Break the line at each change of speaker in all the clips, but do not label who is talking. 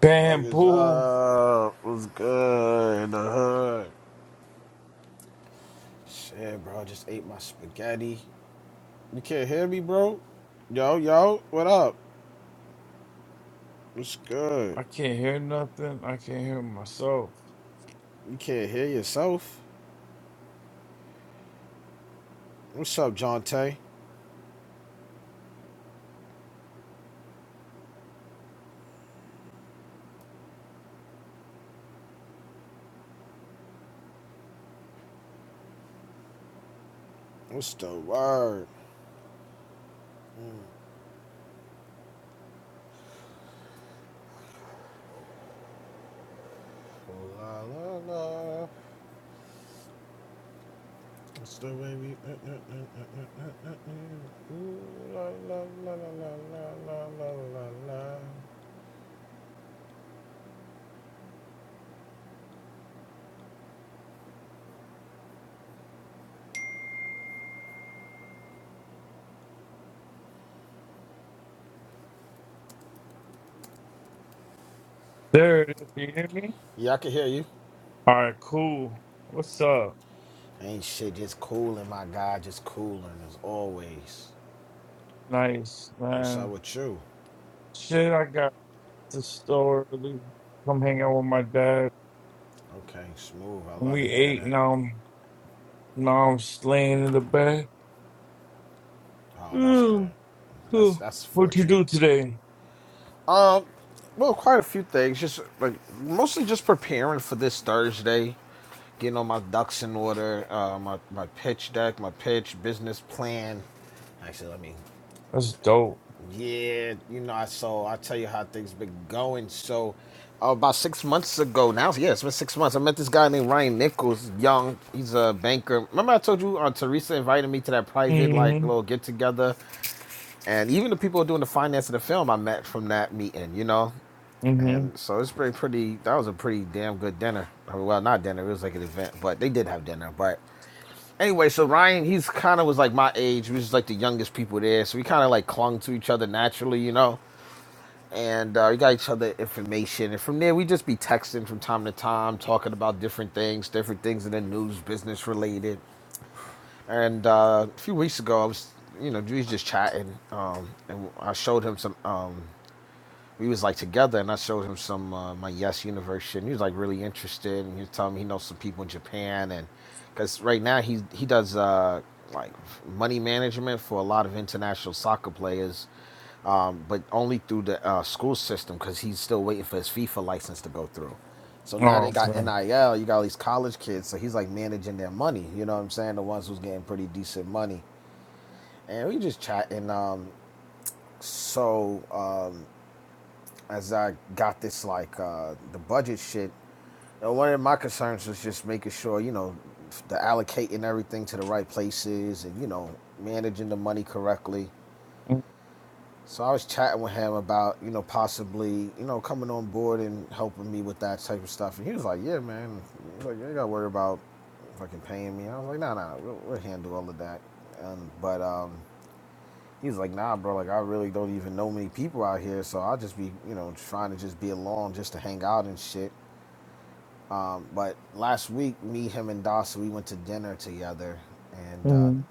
Damn, boo. I can't hear nothing. I can't hear myself. There it is. you hear me? All right, cool. What's up? Nice, man. Shit, I got up the store early. Come hang out with my dad. And we ate. Now I'm, now I'm just laying in the bed. Mm, cool. What you do today? That's dope. Mm-hmm. Mm-hmm. Oh, okay. Mm-hmm.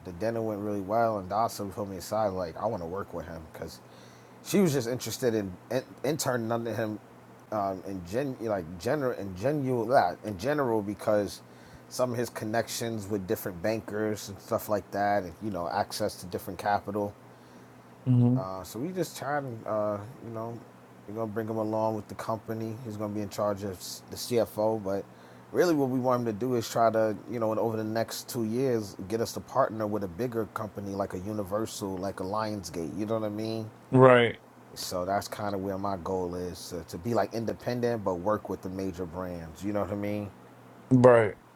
Mm-hmm. Right. Right.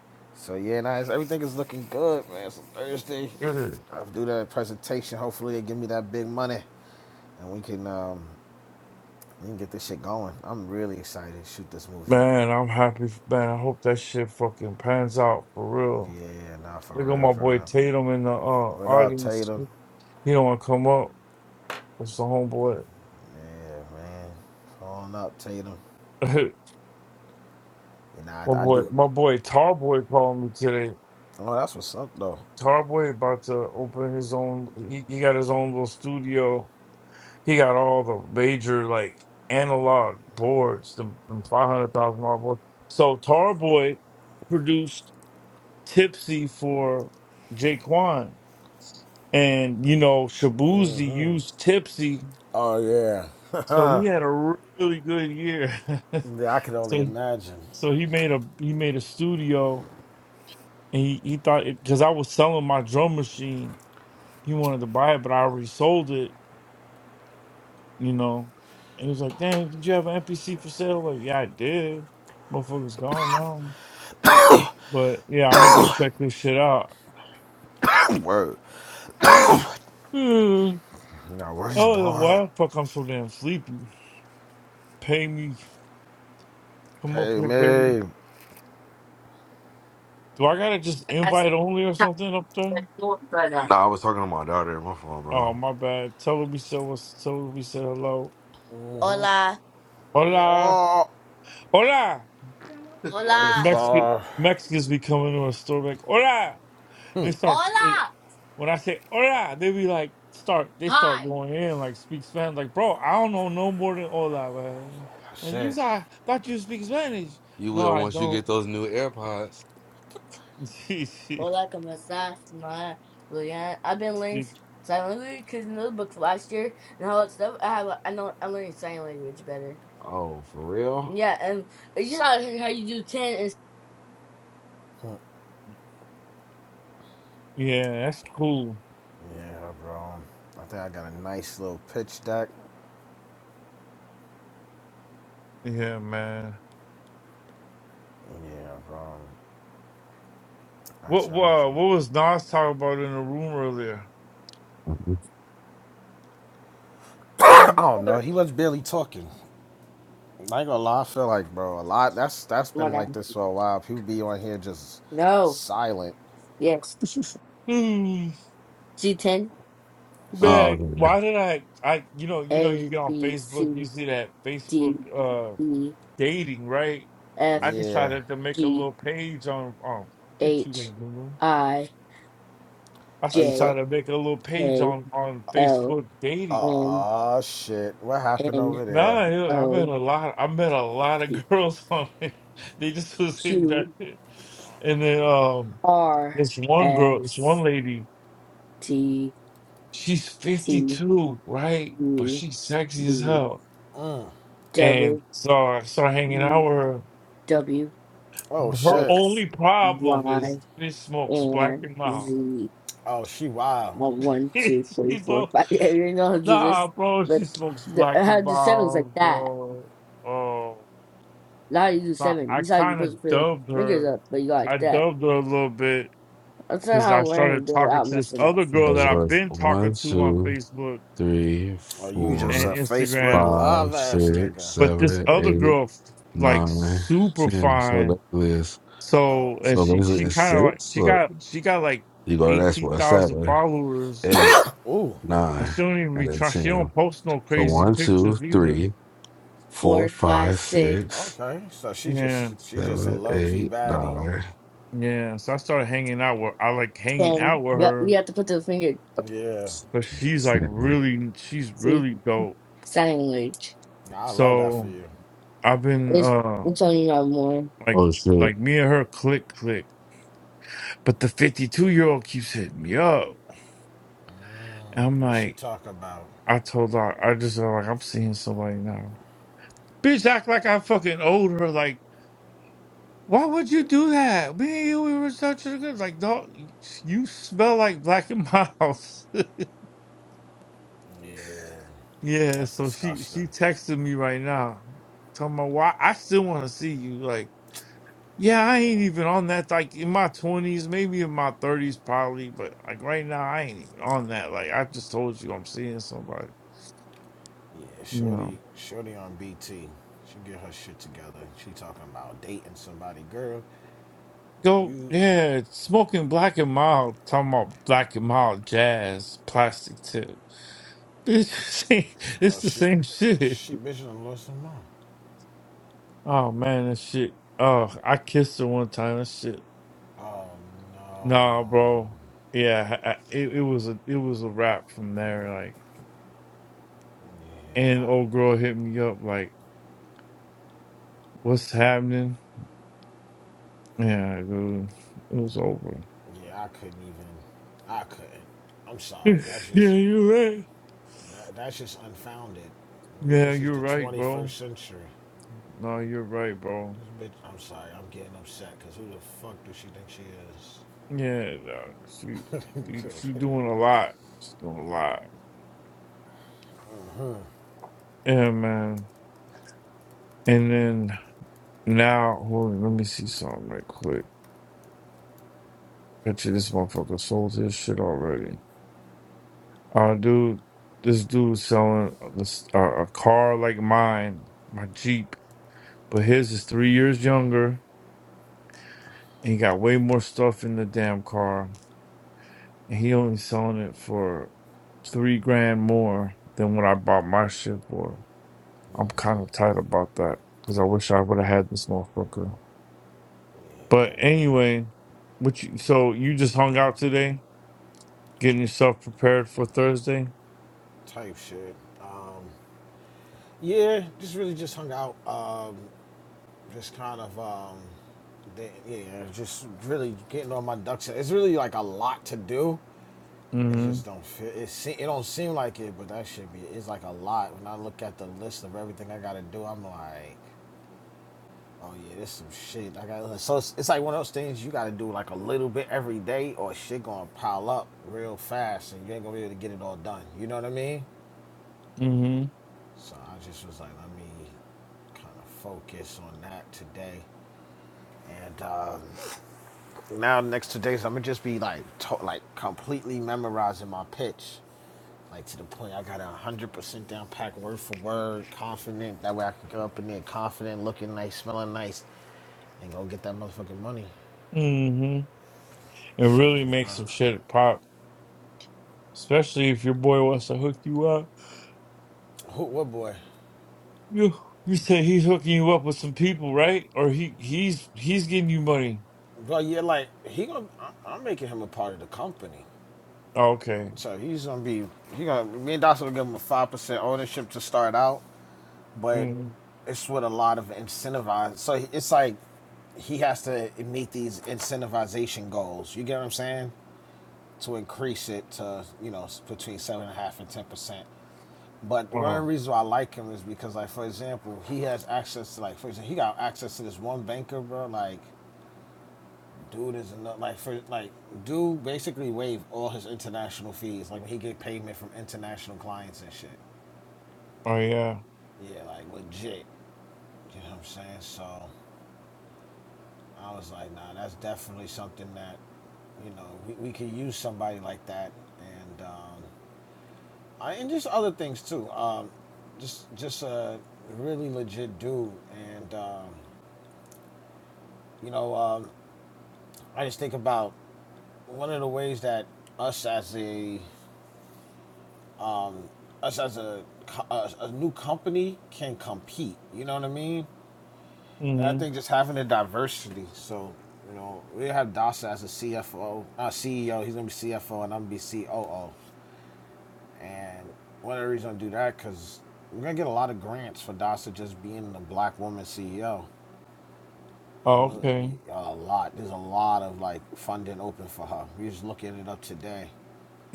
Man, I'm happy. f- Man, I hope that shit fucking pans out for real. Look at my boy Tatum in the uh, audience. He don't want to come up. It's the homeboy. my boy, my boy Tarboy called me today. Tarboy about to open his own. He, he got his own little studio. He got all the major like analog boards, the five hundred thousand dollar boards. So Tarboy produced Tipsy for Jaquan. And you know, Shabuzi used Tipsy, so he had a really good year. so so he made a he made a studio, and he he thought because I was selling my drum machine, he wanted to buy it, but I already sold it. You know, and he was like, "Dang, did you have an MPC for sale?" Like, yeah, I did. Motherfucker's gone now, but yeah, I'm gonna go check this shit out. Hmm. Oh, why the fuck I'm so damn sleepy? Pay me. Come up here, pay me. Do I gotta just
That's
invite only or
not
something up there?
the door, but uh, Nah, I was talking to my daughter. My phone,
Oh
bro.
my bad. Tell her we said what's tell her we said hello.
hola,
Hola. Hola.
hola,
Mexican Mexicans be coming to a store like hola. And they start
hola,
when I say hola, they be like start they start
hi,
going in like speak Spanish. Like, bro, I don't know no more than hola, man. Like you I thought you speak Spanish.
You
No,
will
I
once you
don't.
get those new AirPods. Or hola, como estás, ma? Yeah, I've been learning sign language because in those books last year and all that stuff. I have, I know, I'm learning sign language better. Oh, for real? Yeah, and it's just out here how you do ten and.
yeah, that's cool. Yeah, man. What wha what was Nas talking about in the room earlier?
Oh my God. No. Yes.
Hmm,
G ten. Oh,
Man,
okay.
why did I I you know, you know you
A,
get on
B,
Facebook, you
C,
see that
D,
Facebook uh
E,
dating, right?
F,
I decided to make a
G,
little page on on get you there.
H,
the
I,
I
J,
decided to make a little page
K,
on on
L,
Facebook dating.
M, N,
Nah, you know, I met
O,
a lot I met a lot
P,
of girls on it. They just was in there.
Q,
And then um
R,
this one girl, this one
S,
lady
T,
she's
T,
52, right? But
U,
she's sexy as
V,
hell. And
W,
so I started hanging out with her.
W,
Her
X,
only problem
Y,
is she smokes black
and
and mild.
Z. Well, One, two, three,
she
four,
blow,
five. I didn't know how to do
nah,
this,
bro,
but
she smokes
the,
black
how
and
to do seven is like
mild,
that.
bro. Oh,
Now you do
so
seven.
I
You saw you
kind of
supposed to put the
dubbed
fingers
her.
up, but you go like
I
that.
dubbed her a little bit
That's not
because
how
I
I learned
started
to do it
talking
without
to this
messing up.
other girl
There's
that I've
like
been
one,
talking to on
two,
Facebook
three,
and
four,
Instagram.
five, six,
But this
seven,
other
eight,
girl, like
nine,
super
ten. So
fine,
that is
So and
so
she
basically
she
it's
kind of like
six.
she
Look,
got she got like
you go to the next
eighteen
one,
thousand
seven,
followers,
eight,
and
nine,
she don't even be
and then
try. She don't
ten.
post no
So
crazy
one, two,
pictures either.
three, four, Four, five, five, six, six,
Yeah,
seven, eight, nine.
yeah. So I started hanging out with I like hanging out
ten.
with
Yep,
her,
you have to put the finger.
but she's like
Shit, man.
really she's
See,
really dope.
sign language.
So I've been
It's
uh
it's only not more.
like
Oh shit.
like me and her click click, but the fifty two year old keeps hitting me up, and I'm like. I told her I just uh, like I'm seeing somebody now. Bitch act like I fucking owed her like Why would you do that? Me and you, we were such a good like. No, you smell like black and miles. yeah. So she she texted me right now, talking about why I still want to see you. Like, yeah, I ain't even on that. Like in my twenties, maybe in my thirties, probably. But like right now, I ain't even on that. Like I just told you, I'm seeing somebody. You know, go yeah, smoking black and mild. Talking about black and mild jazz, plastic tip. It's it's the same shit. Oh man, that shit. Oh, I kissed her one time. That shit. Nah, bro. Yeah, I, I- it it was a it was a wrap from there. Like, and old girl hit me up like, "What's happening?" Yeah, dude, it was over. yeah, you're right. Yeah, you're right, bro. No, you're right, bro. Yeah, dog. She she she doing a lot. She's doing a lot. Yeah, man. And then now, hold on, let me see something right quick. Picture this motherfucker sold his shit already. Uh, dude, this dude selling this uh, a car like mine, my Jeep, but his is three years younger, and he got way more stuff in the damn car, and he only selling it for three grand more than what I bought my shit for. I'm kind of tight about that because I wish I would have had this motherfucker. But anyway, what you so you just hung out today, getting yourself prepared for Thursday. Mm-hmm. Mm-hmm. hmm It really makes some shit pop, especially if your boy wants to hook you up. You you said he's hooking you up with some people, right? Or he he's he's getting you money. Oh, okay. Mm. Oh oh yeah. hmm Oh, okay.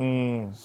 Mm.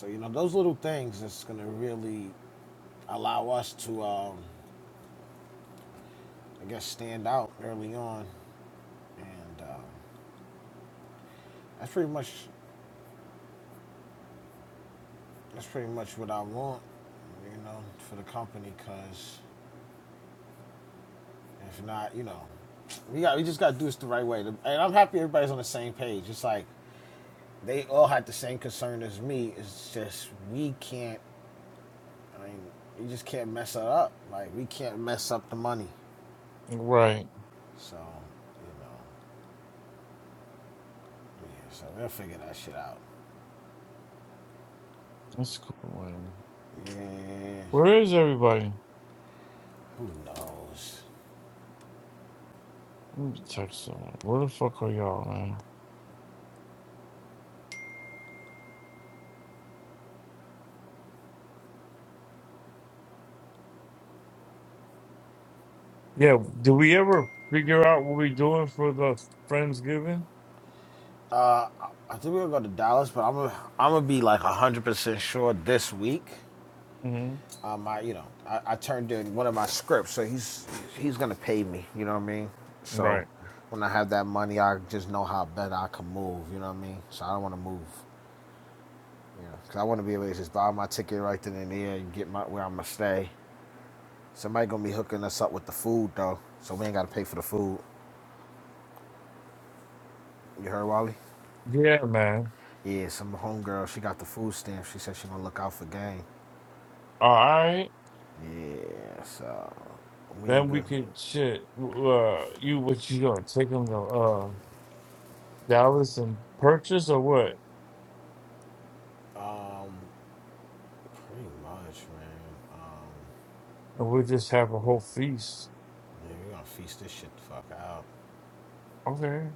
Right. That's cool. Man. Where is everybody? Let me text them. Where the fuck are y'all, man? Yeah. Did we ever figure out what we're doing for the Friendsgiving? Mm-hmm. Right. Yeah, man. All right. Then we could shit. Uh, you what you gonna take them to uh Dallas and purchase or what? And we'll just have a whole feast. Okay.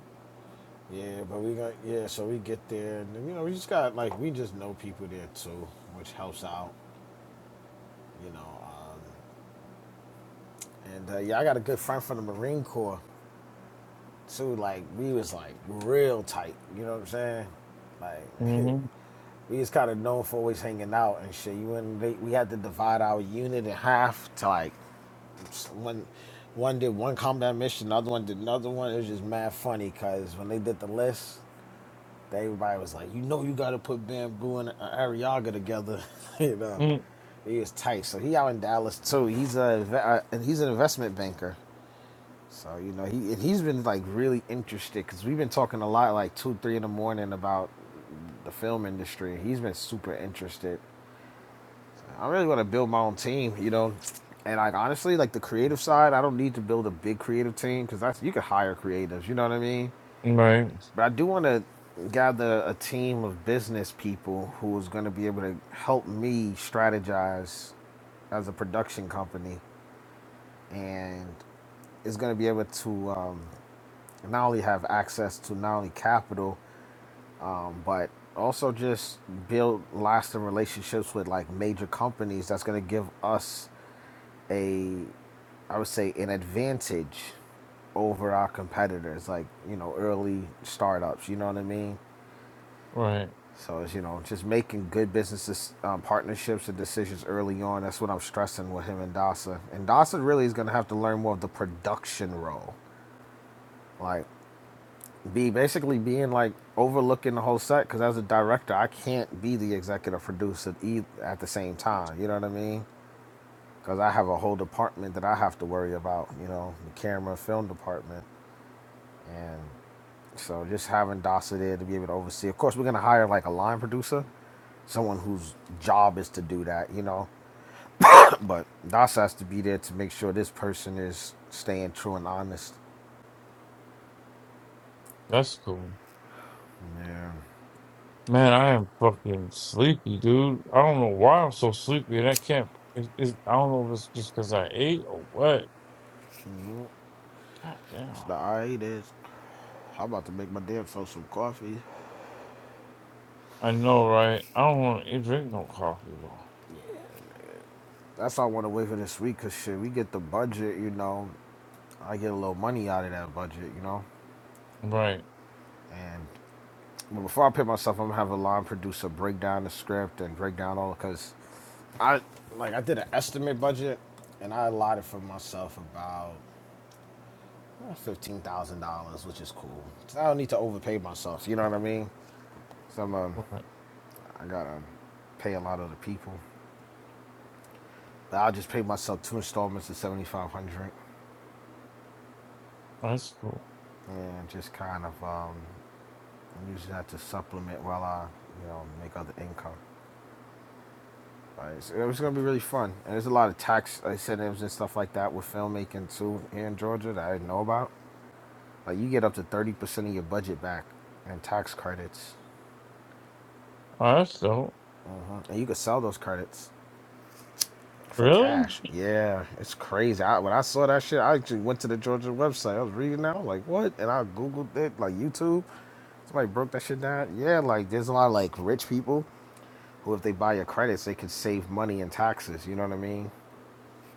Mm-hmm. Mm, right. Right. That's cool. Man, I am fucking sleepy, dude. I don't know why I'm so sleepy, and I can't. It's, it's, I don't know if it's just because I ate or what. God damn. I know, right? I don't want to drink no coffee though. Right. Right. That's cool. Oh, that's dope. Really?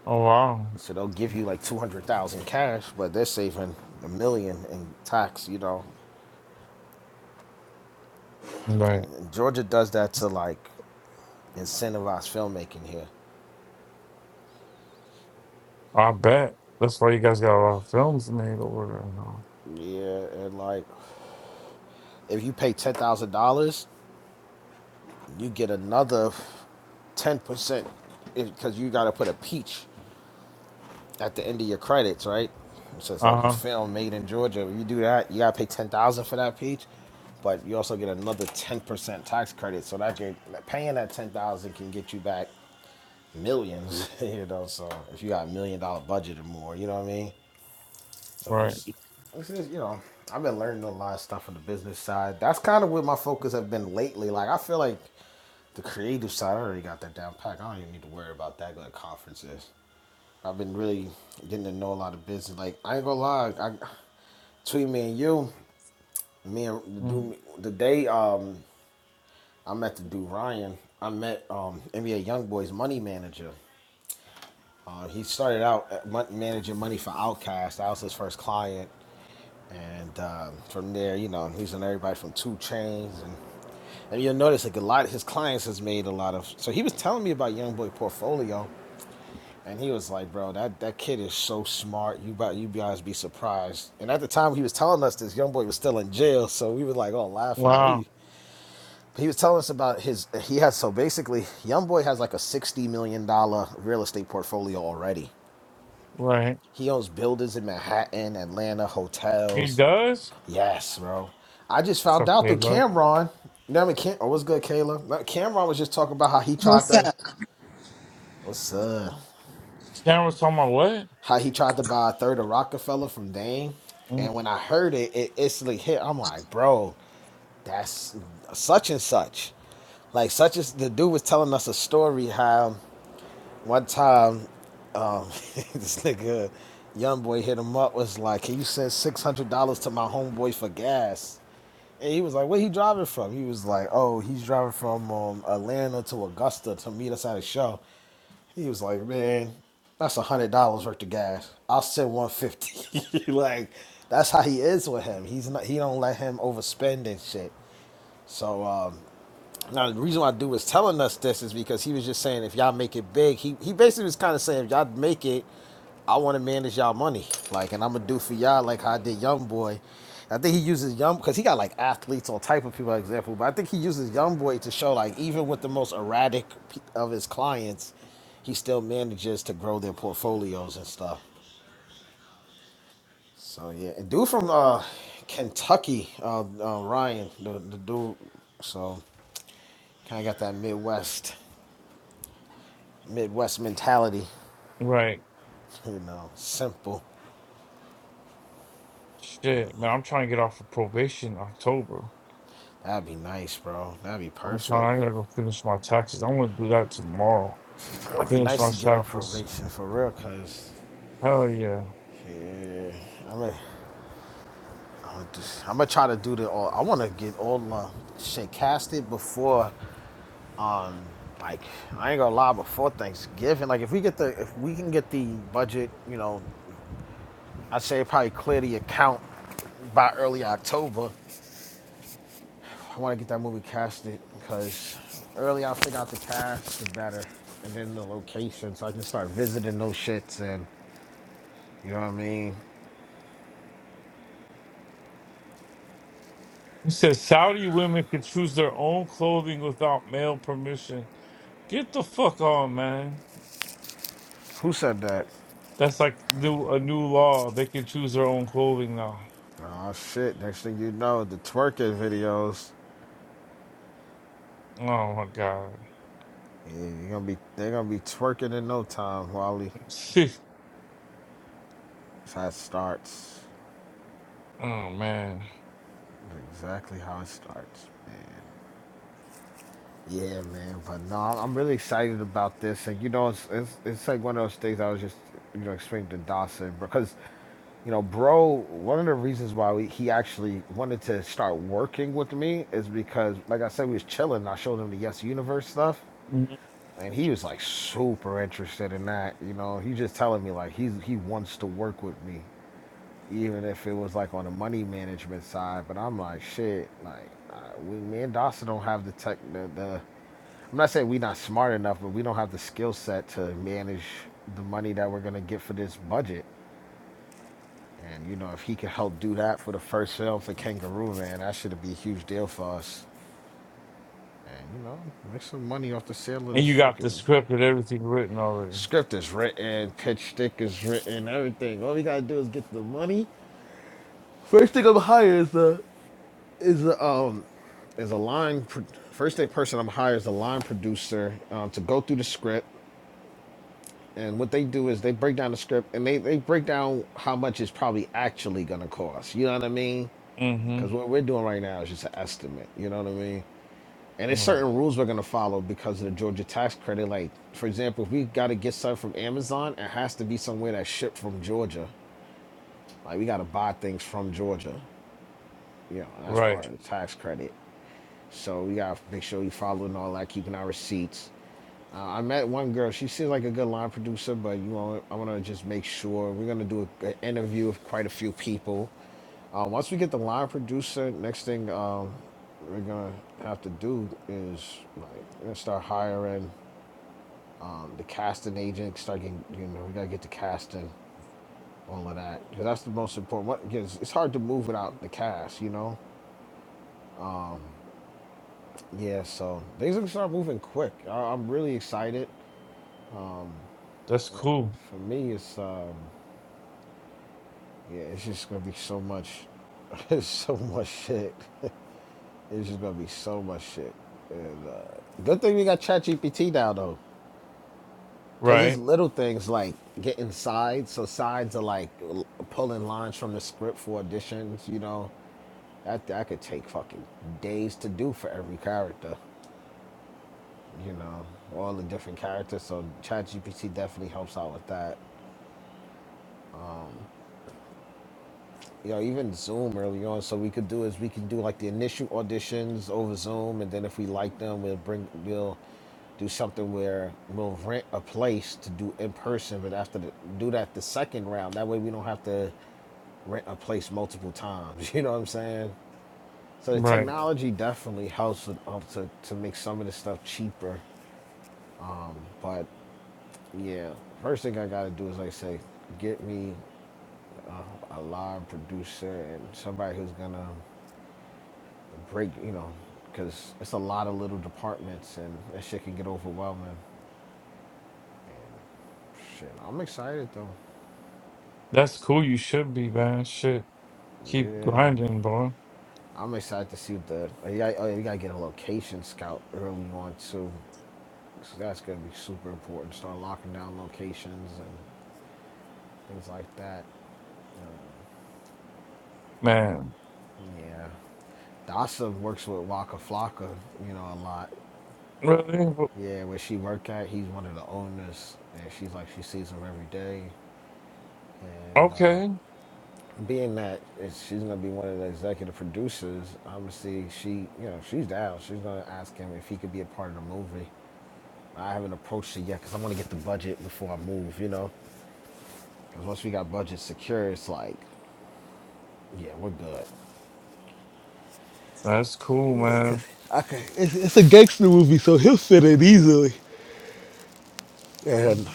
Oh wow! Right, I bet that's why you guys got a lot of films made over there now. Uh huh. Uh-huh. Right. Mm. Wow. Right. He does. It's okay, bro.
What's up?
Cameron's talking about what? Mm. Right. Shit, man. I'm trying to get off of probation in October. I'm trying. I gotta go finish my taxes. I'm gonna do that tomorrow. Finish my taxes. Hell yeah. He says Saudi women can choose their own clothing without male permission. Get the fuck on, man. That's like new a new law. They can choose their own clothing now. Oh my god. oh man. Mhm. And you got the script and everything written already. Mm-hmm. Right. Right. That's cool. Right. Right. That's cool. You should be, man. Shit. Keep grinding, boy. Man. Really? Well, Okay. That's cool, man.
Okay, it's, it's a gangster movie, so he'll fit it easily. And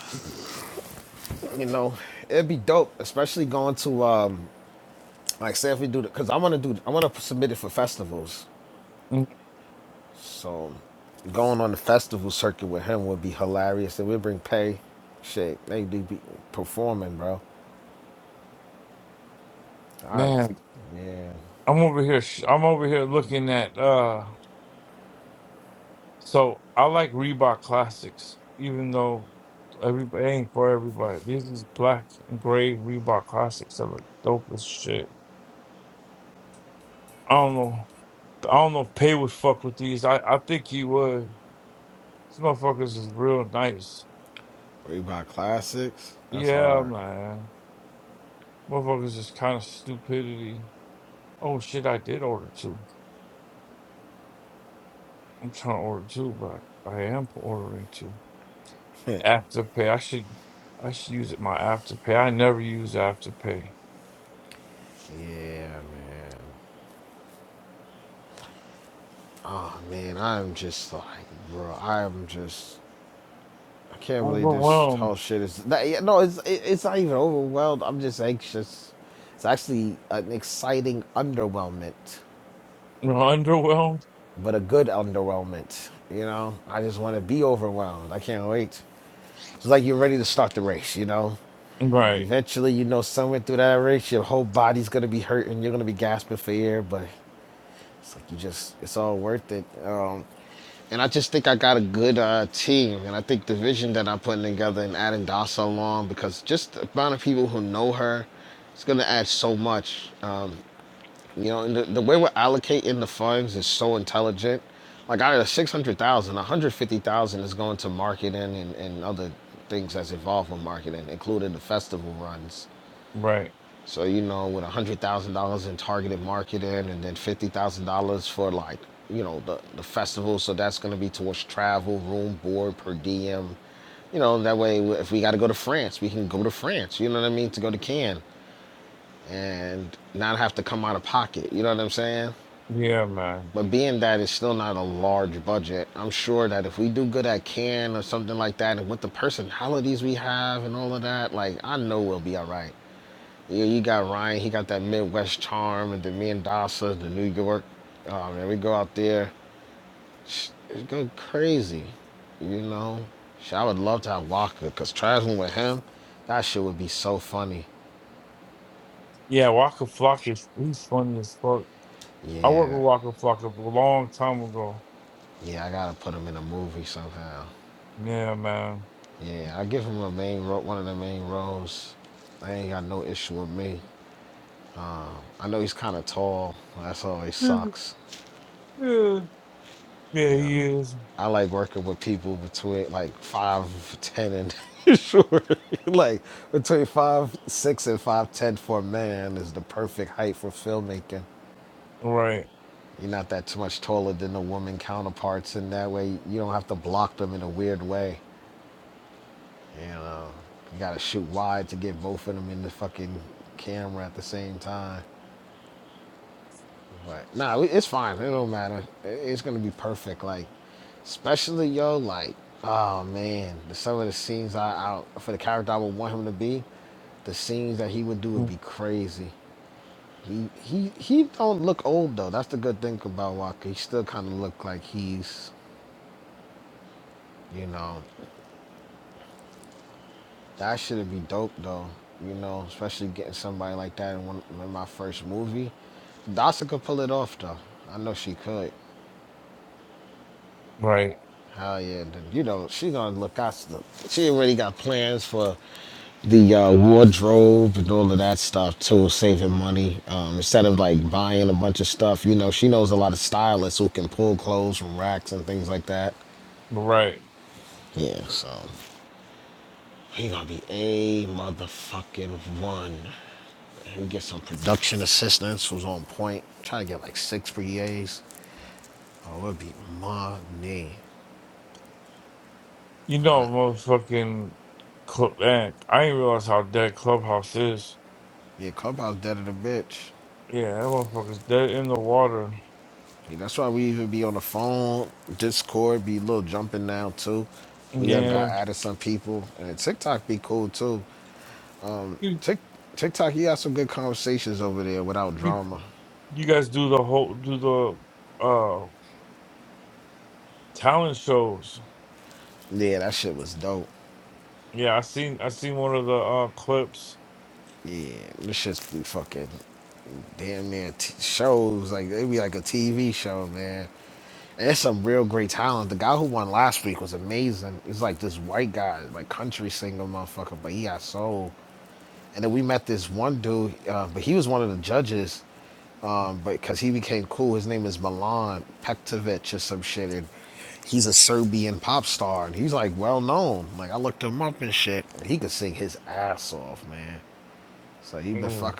Mm, Man. I'm over here. sh- I'm over here looking at. uh. So I like Reebok classics, even though everybody ain't for everybody. These is black and gray Reebok classics that look dope as shit. I don't know. I don't know if Pay would fuck with these. I, I think he would. These motherfuckers is real nice. Yeah, man. Motherfuckers is kind of stupidity. Oh shit, I did order two. I'm trying to order two, but I am ordering two. Afterpay. I should I should use it my afterpay. I never use afterpay. Overwhelmed. Underwhelmed? Right, right. Yeah, man. Yeah, Waka Flocka, is- he's funny as fuck. I worked with Waka Flocka a long time ago. Yeah, man. Mhm. Yeah, yeah, he is. Right, Mm, right, right. You know, motherfucking club. Man, I didn't realize how dead Clubhouse is. Yeah, that motherfucker's dead in the water. Yeah, you you you guys do the whole do the uh talent shows. Yeah, I seen I seen one of the uh, clips. Mm.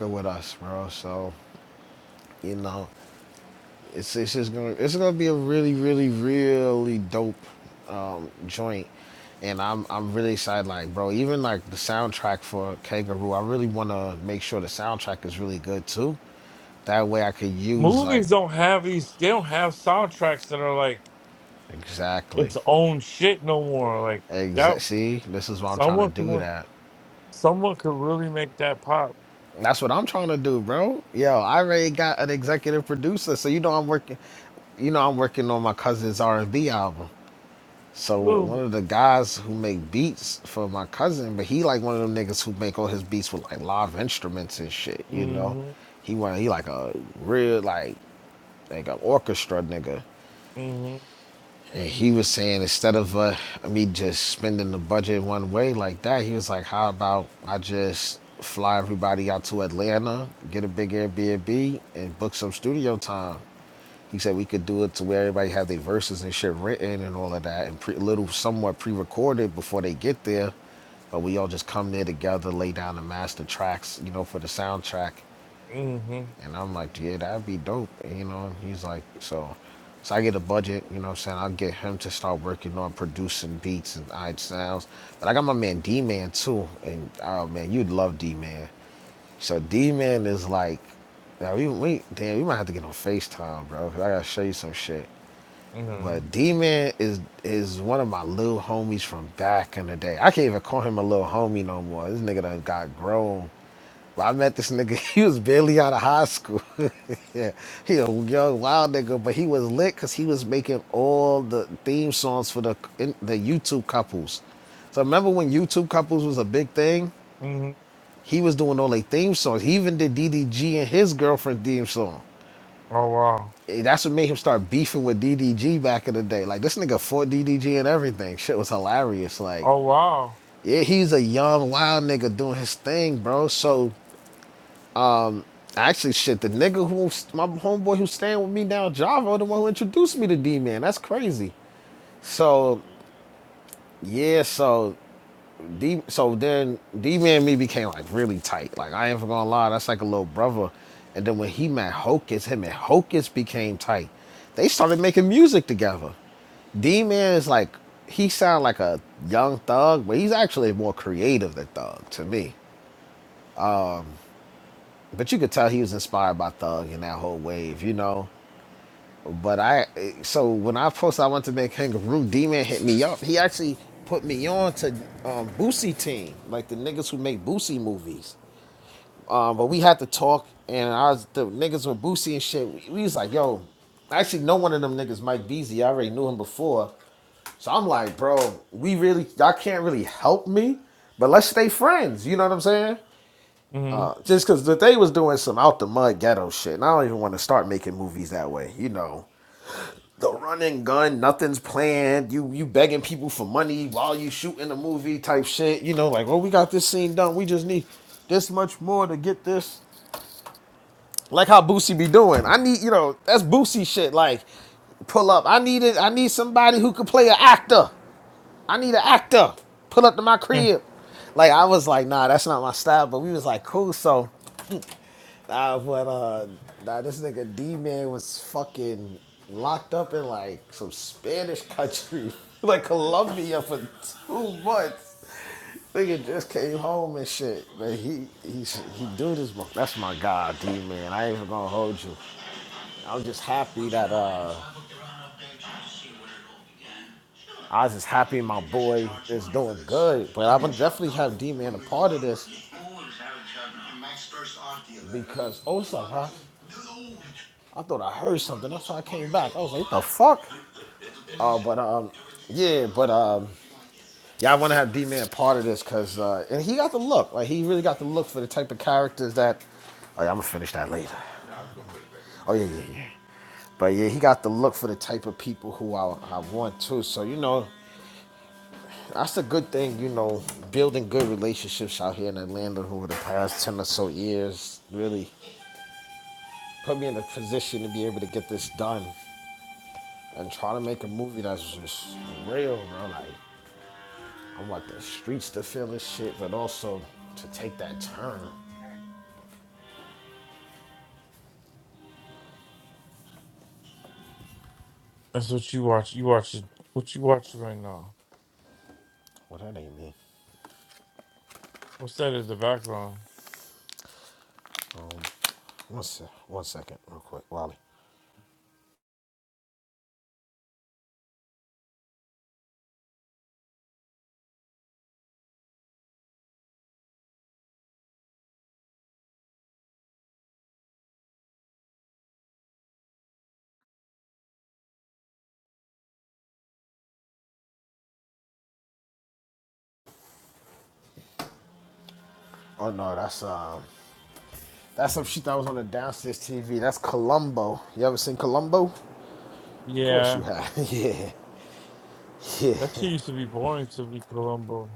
Movies don't have these. They don't have soundtracks that are like its own shit no more. Like that, someone could someone could really make that pop. Mm-hmm, mm-hmm, mm-hmm, mm-hmm, mm-hmm. Oh wow! Oh wow! Mm-hmm. Hmm, That's what you watch. You watch it. What you watching right now? What's that in the background? Yeah, that shit used to be boring to me, Columbo.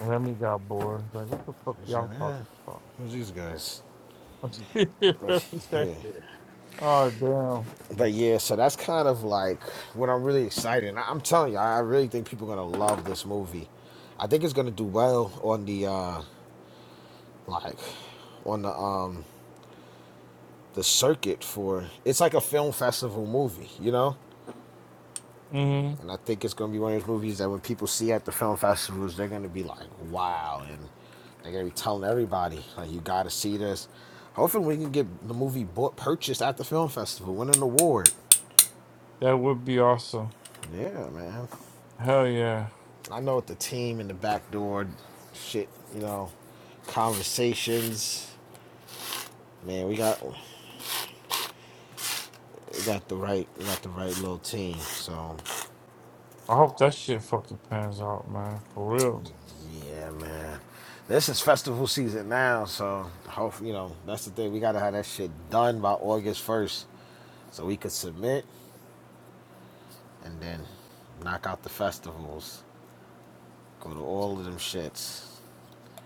And then he got bored. Like, what the fuck y'all talking about? He said, oh damn. hmm That would be awesome. Hell yeah. I hope that shit fucking pans out, man. For real.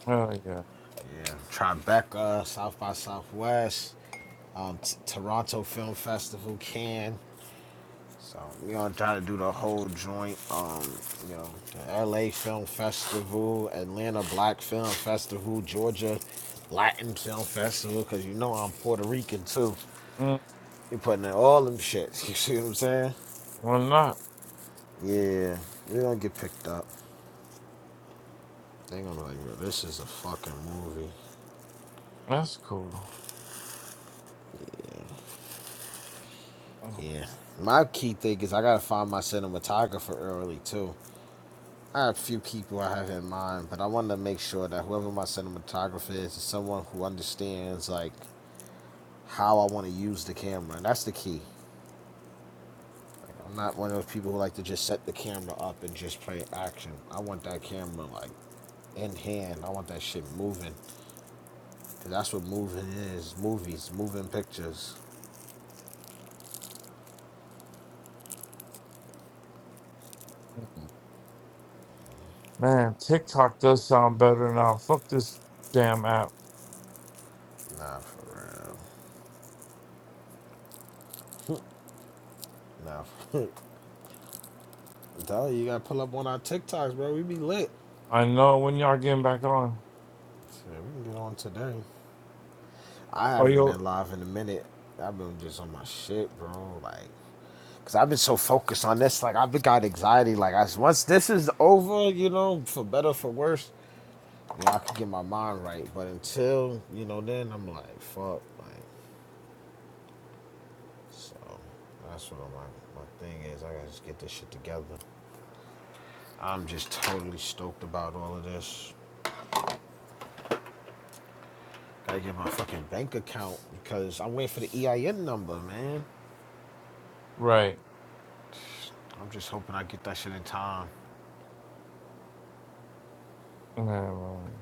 Hell yeah. Mm, well not. That's cool. Mm. Man, TikTok does sound better now. Fuck this damn app. I know when y'all getting back on. Or you right. Yeah, right.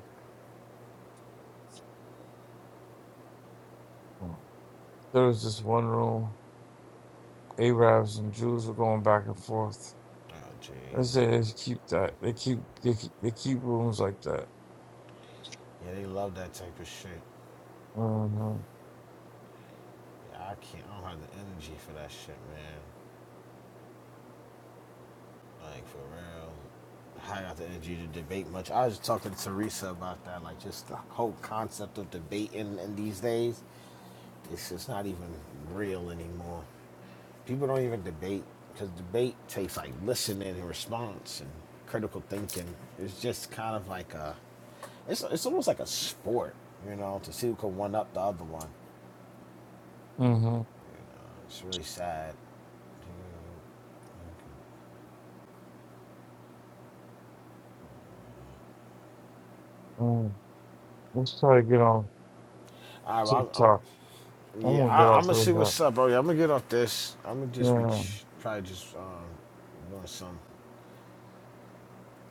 Mm. There was this one room. Arabs and Jews were going back and forth. I said it's keep that. They keep they keep, they keep rooms like that. Mm-hmm. Mm-hmm. Mm. Let's try to get on TikTok. I'm gonna get off of that. Yeah,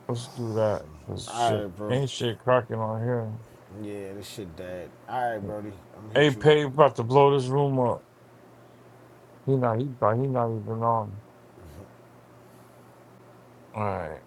let's do that. Cause shit, ain't shit cracking on here. Hey, Pay about to blow this room up. He not he, he not even on. All right.